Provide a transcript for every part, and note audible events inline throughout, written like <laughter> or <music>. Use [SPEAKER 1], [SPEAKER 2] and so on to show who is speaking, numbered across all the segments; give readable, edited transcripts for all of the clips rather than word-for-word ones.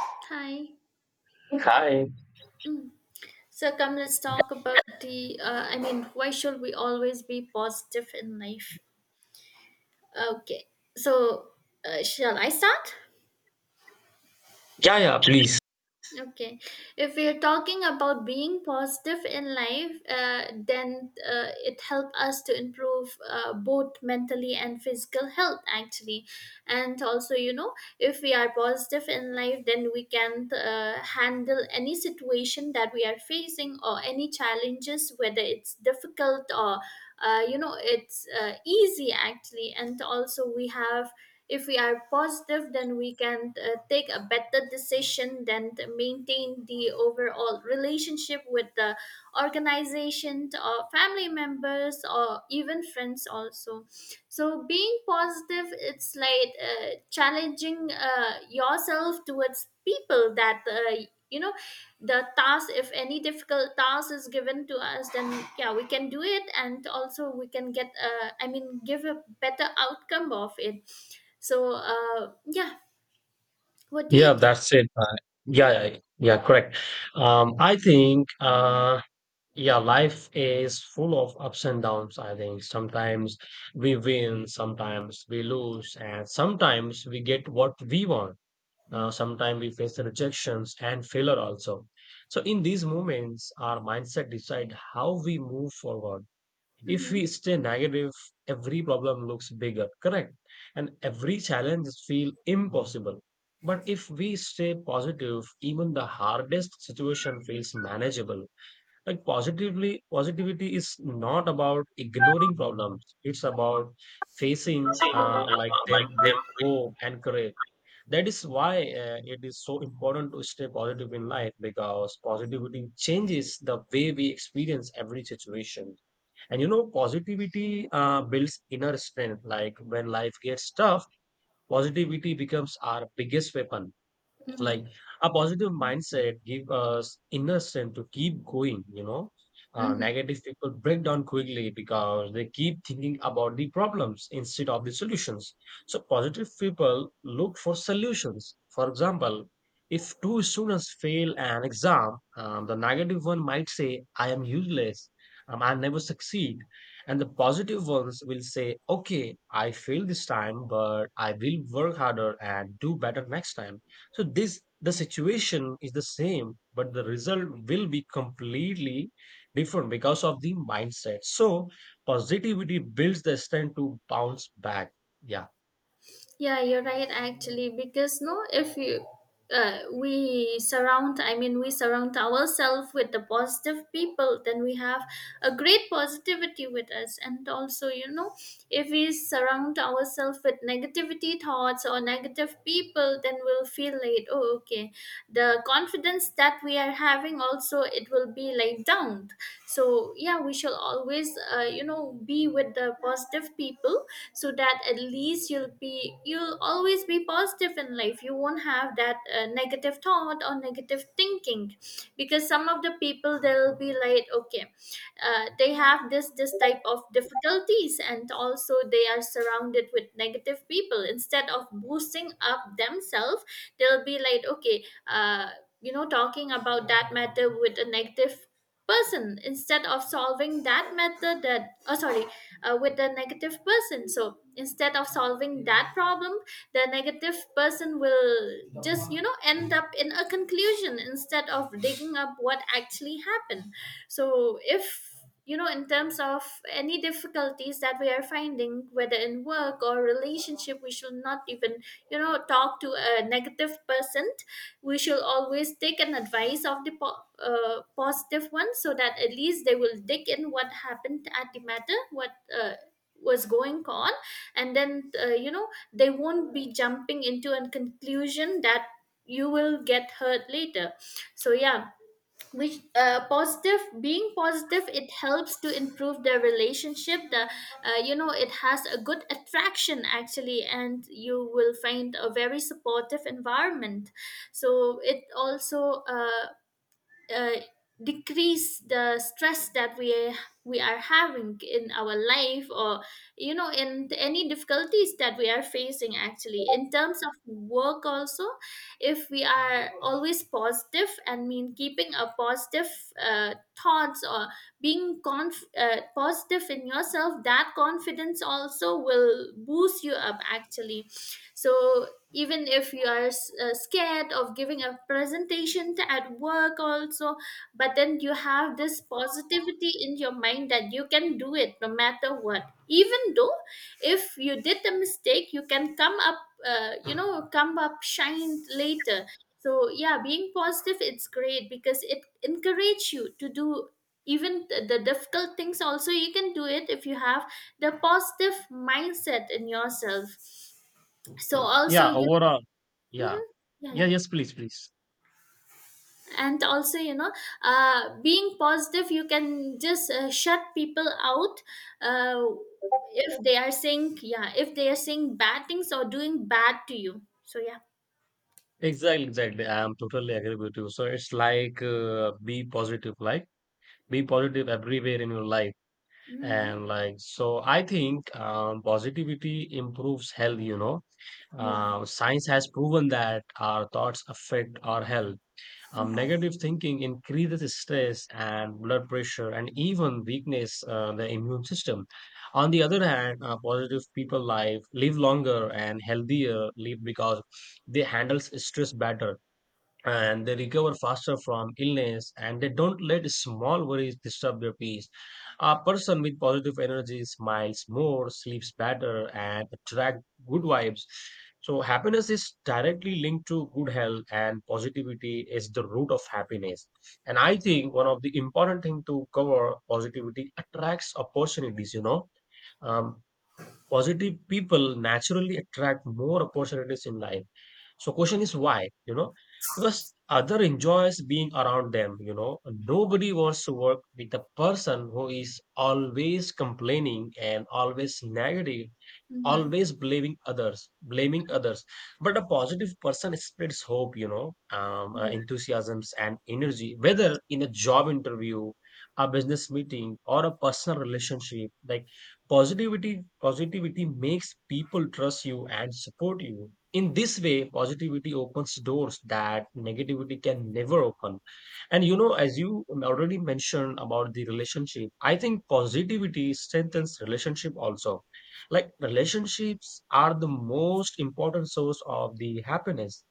[SPEAKER 1] Hi.
[SPEAKER 2] Hi.
[SPEAKER 1] So come, let's talk about the. Why should we always be positive in life? Okay. So shall I start?
[SPEAKER 2] Yeah, yeah, please.
[SPEAKER 1] Okay, if we are talking about being positive in life, then it helps us to improve both mentally and physical health actually, and also if we are positive in life, then we can handle any situation that we are facing or any challenges, whether it's difficult or it's easy actually, and also we have if we are positive then we can take a better decision than to maintain the overall relationship with the organization or family members or even friends also. So being positive, it's like challenging yourself towards people that you know the task, if any difficult task is given to us, then yeah, we can do it, and also we can get I mean give a better outcome of it. So yeah, what do
[SPEAKER 2] Yeah,
[SPEAKER 1] you think?
[SPEAKER 2] that's it. Yeah, correct. Um, I think, uh, yeah, life is full of ups and downs. I think sometimes we win, sometimes we lose, and sometimes we get what we want. Sometimes we face the rejections and failure also. So in these moments, our mindset decide how we move forward. If
[SPEAKER 1] Hmm.
[SPEAKER 2] we stay negative, every problem looks bigger, correct? And every challenge feels impossible. But if we stay positive, even the hardest situation feels manageable. Like positively, positivity is not about ignoring problems. It's about facing
[SPEAKER 1] Seen
[SPEAKER 2] like them
[SPEAKER 1] like them
[SPEAKER 2] with
[SPEAKER 1] with.
[SPEAKER 2] hope and courage. That is why it is so important to stay positive in life because positivity changes the way we experience every situation. And you know, positivity builds inner strength. Like when life gets tough, positivity becomes our biggest weapon, like
[SPEAKER 1] Mm-hmm.
[SPEAKER 2] a positive mindset give us inner strength to keep going.
[SPEAKER 1] Mm-hmm.
[SPEAKER 2] Negative people break down quickly because they keep thinking about the problems instead of the solutions. So positive people look for solutions. For example, if two students fail an exam, the negative one might say, I am useless, I never succeed. And the positive ones will say, okay, I failed this time, but I will work harder and do better next time. So this the situation is the same, but the result will be completely different because of the mindset. So positivity builds the strength to bounce back. Yeah.
[SPEAKER 1] Yeah, you're right actually because no, if you we surround ourselves with the positive people, then we have a great positivity with us. And also if we surround ourselves with negativity thoughts or negative people, then we'll feel like, oh, okay, the confidence that we are having also, it will be like down. So yeah, we shall always be with the positive people, so that at least you'll always be positive in life. You won't have that negative thought or negative thinking. Because some of the people, they'll be like, okay, they have this type of difficulties and also they are surrounded with negative people. Instead of boosting up themselves, they'll be like, okay, uh, talking about that matter with a negative person, instead of solving that matter. That, oh sorry, with the negative person. So instead of solving that problem, the negative person will just end up in a conclusion instead of digging up what actually happened. So if in terms of any difficulties that we are finding, whether in work or relationship, we should not even talk to a negative person. We should always take an advice of the positive one, so that at least they will dig in what happened at the matter, what uh, was going on, and then they won't be jumping into a conclusion that you will get hurt later. So yeah, which positive, being positive, it helps to improve the relationship, the you know it has a good attraction actually, and you will find a very supportive environment. So it also uh, decrease the stress that we are having in our life or in any difficulties that we are facing actually. In terms of work also, if we are always positive and mean keeping a positive uh, thoughts, or being positive in yourself, that confidence also will boost you up actually. So even if you are scared of giving a presentation at work also, but then you have this positivity in your mind that you can do it no matter what. Even though if you did a mistake, you can come up, come up shine later. So yeah, being positive, it's great because it encourages you to do even the difficult things also. You can do it if you have the positive mindset in yourself. So also
[SPEAKER 2] Yeah.
[SPEAKER 1] you.
[SPEAKER 2] Overall. Yeah.
[SPEAKER 1] Mhm. Yeah,
[SPEAKER 2] Yeah.
[SPEAKER 1] yeah.
[SPEAKER 2] Yes, please, please.
[SPEAKER 1] And also being positive, you can just shut people out. uh, if they are saying, yeah, if they are saying bad things or doing bad to you, so yeah.
[SPEAKER 2] Exactly, exactly. I am totally agree with you. So it's like, be positive, like be positive everywhere in your life.
[SPEAKER 1] Mhm.
[SPEAKER 2] And like, so I think positivity improves health, you know.
[SPEAKER 1] Yeah.
[SPEAKER 2] Science has proven that our thoughts affect our health. Negative thinking increases stress and blood pressure and even weakness the immune system. On the other hand, positive people live longer and healthier live because they handle stress better, and they recover faster from illness, and they don't let small worries disturb their peace. A person with positive energy smiles more, sleeps better, and attract good vibes. So happiness is directly linked to good health, and positivity is the root of happiness. And I think one of the important thing to cover, positivity attracts opportunities, you know. Um, Positive people naturally attract more opportunities in life. So question is why, you know, because other enjoys being around them, you know. Nobody wants to work with a person who is always complaining and always negative,
[SPEAKER 1] Mhm.
[SPEAKER 2] always blaming others, blaming others. But a positive person spreads hope, you know,
[SPEAKER 1] Mhm.
[SPEAKER 2] enthusiasms and energy, whether in a job interview, a business meeting, or a personal relationship. Like positivity makes people trust you and support you. In this way, positivity opens doors that negativity can never open. And you know, as you already mentioned about the relationship, I think positivity strengthens relationship also. Like relationships are the most important source of the happiness,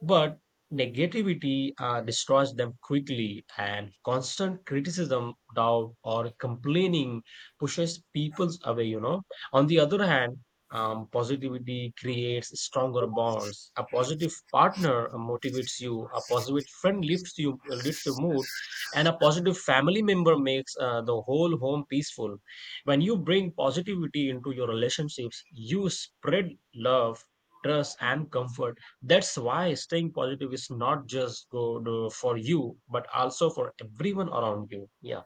[SPEAKER 2] but negativity destroys them quickly, and constant criticism, doubt, or complaining pushes people away, you know. On the other hand, positivity creates stronger bonds. A positive partner motivates you, a positive friend lifts you, lifts your mood, and a positive family member makes the whole home peaceful. When you bring positivity into your relationships, you spread love, trust, and comfort. That's why staying positive is not just good for you, but also for everyone around you. Yeah.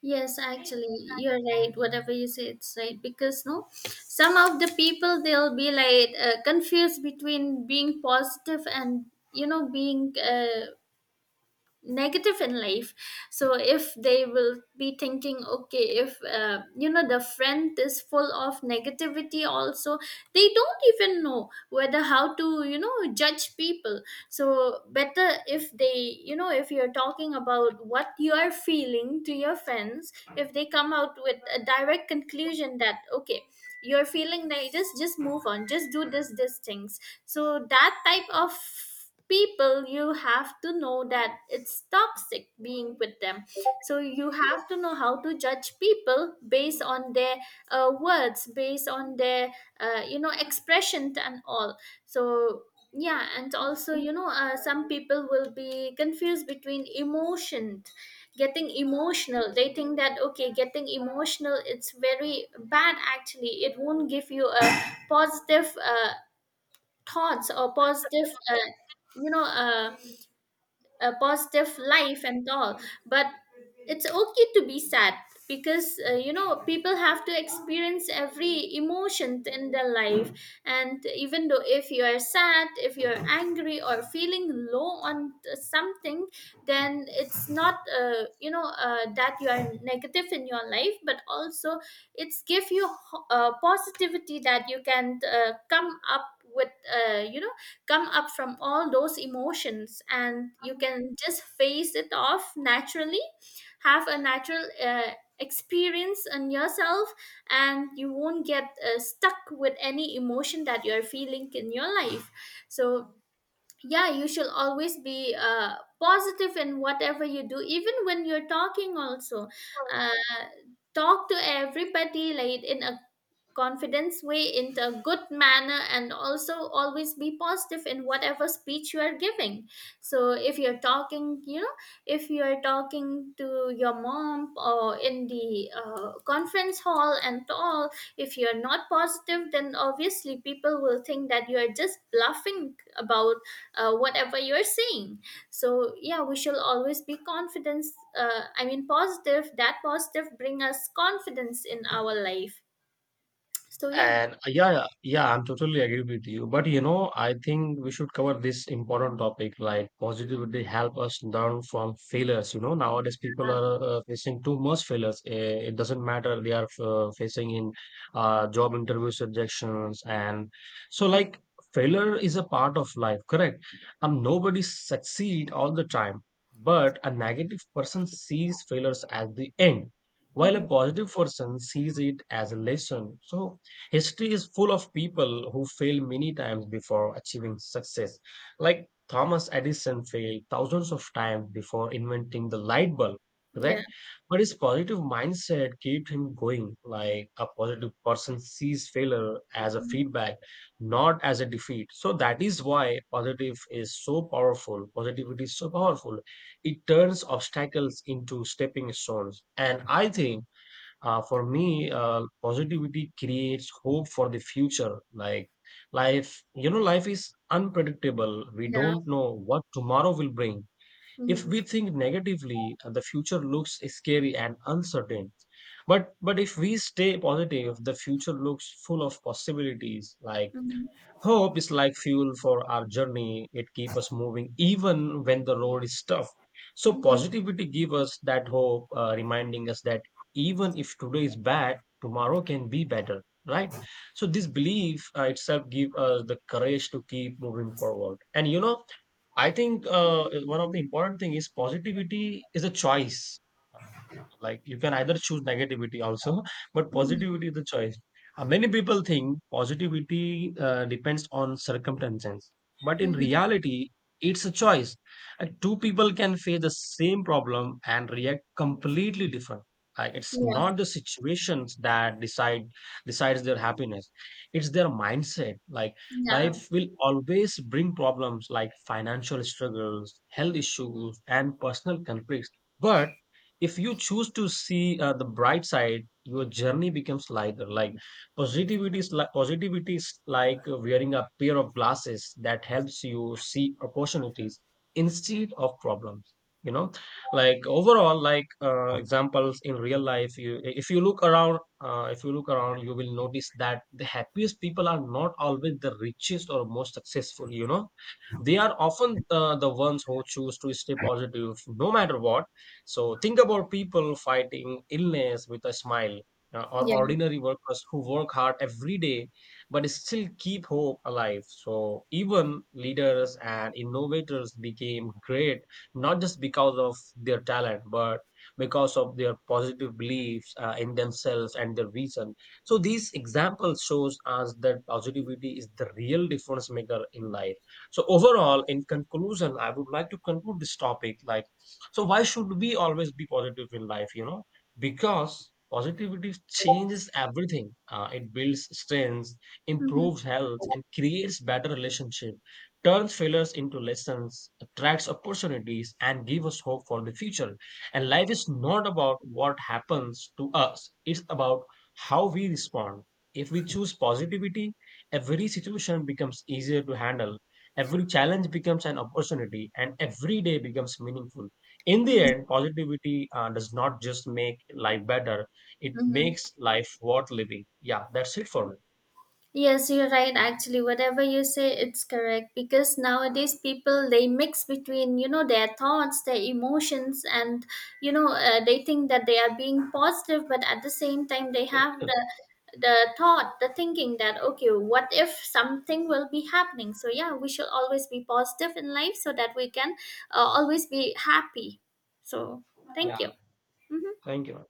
[SPEAKER 1] Yes, actually, you're right. Whatever you say, it's right. Because no, some of the people, they'll be like confused between being positive and being negative in life. So if they will be thinking, okay, if the friend is full of negativity also, they don't even know whether how to judge people. So better if they if you're talking about what you are feeling to your friends, if they come out with a direct conclusion that, okay, you're feeling like, just, move on, just do this these things. So that type of people, you have to know that it's toxic being with them. So you have to know how to judge people based on their words, based on their expression and all. So yeah, and also some people will be confused between emotion, getting emotional. They think that, okay, getting emotional, it's very bad, actually, it won't give you a <coughs> positive thoughts or positive you know uh, a positive life and all. But it's okay to be sad, because people have to experience every emotion in their life. And even though if you are sad, if you're angry or feeling low on something, then it's not that you are negative in your life, but also it's give you positivity, that you can come up with come up from all those emotions, and you can just face it off naturally, have a natural experience on yourself, and you won't get stuck with any emotion that you're feeling in your life. So yeah, you should always be positive in whatever you do. Even when you're talking also, uh, talk to everybody like in a confidence way, in a good manner, and also always be positive in whatever speech you are giving. So if you're talking, if you're talking to your mom or in the conference hall and all, if you're not positive, then obviously people will think that you're just bluffing about whatever you're saying. So yeah, we shall always be confidence I mean positive. That positive bring us confidence in our life. So yeah.
[SPEAKER 2] I'm totally agree with you. But you know, I think we should cover this important topic like positivity help us learn from failures. You know, nowadays people are facing too much failures. It doesn't matter, they are facing in job interviews, rejections, and so like failure is a part of life, correct? Nobody succeed all the time, but a negative person sees failures as the end while a
[SPEAKER 1] Hmm.
[SPEAKER 2] positive person sees it as a lesson. So history is full of people who failed many times before achieving success. Like Thomas Edison failed thousands of times before inventing the light bulb,
[SPEAKER 1] Yeah.
[SPEAKER 2] correct? But his positive mindset kept him going. Like a positive person sees failure as a
[SPEAKER 1] Mhm.
[SPEAKER 2] feedback, not as a defeat. So that is why positive is so powerful. Positivity is so powerful. It turns obstacles into stepping stones. And I think, for me, positivity creates hope for the future. Like life, you know, life is unpredictable. We
[SPEAKER 1] Yeah.
[SPEAKER 2] don't know what tomorrow will bring. If
[SPEAKER 1] Hmm.
[SPEAKER 2] we think negatively, the future looks scary and uncertain. But if we stay positive, the future looks full of possibilities. Like
[SPEAKER 1] Hmm.
[SPEAKER 2] hope is like fuel for our journey. It keeps us moving even when the road is tough. So
[SPEAKER 1] Hmm.
[SPEAKER 2] positivity gives us that hope, reminding us that even if today is bad, tomorrow can be better, right? So this belief itself gives us the courage to keep moving forward. And you know, I think one of the important thing is positivity is a choice. Like you can either choose negativity also, <laughs> but
[SPEAKER 1] Hmm.
[SPEAKER 2] positivity is the choice. Many people think positivity depends on circumstances, but in
[SPEAKER 1] Hmm.
[SPEAKER 2] reality, it's a choice. Two people can face the same problem and react completely different. It's
[SPEAKER 1] Yeah,
[SPEAKER 2] not the situations that decides their happiness. It's their mindset. Like life
[SPEAKER 1] yeah,
[SPEAKER 2] will always bring problems like financial struggles, health issues, and personal conflicts. But if you choose to see the bright side, your journey becomes lighter. Like positivity is like wearing a pair of glasses that helps you see opportunities instead of problems, you know. Like overall, like examples in real life, you if you look around, you will notice that the happiest people are not always the richest or most successful, you know. They are often the ones who choose to stay positive, no matter what. So think about people fighting illness with a smile, or
[SPEAKER 1] yeah.
[SPEAKER 2] ordinary workers who work hard every day but still keep hope alive. So even leaders and innovators became great not just because of their talent, but because of their positive beliefs in themselves and their vision. So these examples shows us that positivity is the real difference maker in life. So overall, in conclusion, I would like to conclude this topic like, so why should we always be positive in life, you know? Because positivity changes everything. It builds strength,
[SPEAKER 1] Hmm.
[SPEAKER 2] improves health, and creates better relationship, turns failures into lessons, attracts opportunities, and gives us hope for the future. And life is not about what happens to us. It's about how we respond. If we choose positivity, every situation becomes easier to handle. Every challenge becomes an opportunity, and every day becomes meaningful. In the end, positivity does not just make life better, it
[SPEAKER 1] Hmm.
[SPEAKER 2] makes life worth living. Yeah, that's it for me.
[SPEAKER 1] Yes, you're right. Actually, whatever you say, it's correct, because nowadays people, they mix between their thoughts, their emotions, and they think that they are being positive, but at the same time they have the thought, the thinking that, okay, what if something will be happening? So yeah, we should always be positive in life so that we can always be happy. So
[SPEAKER 2] Yeah,
[SPEAKER 1] thank you. Mhm.
[SPEAKER 2] thank you.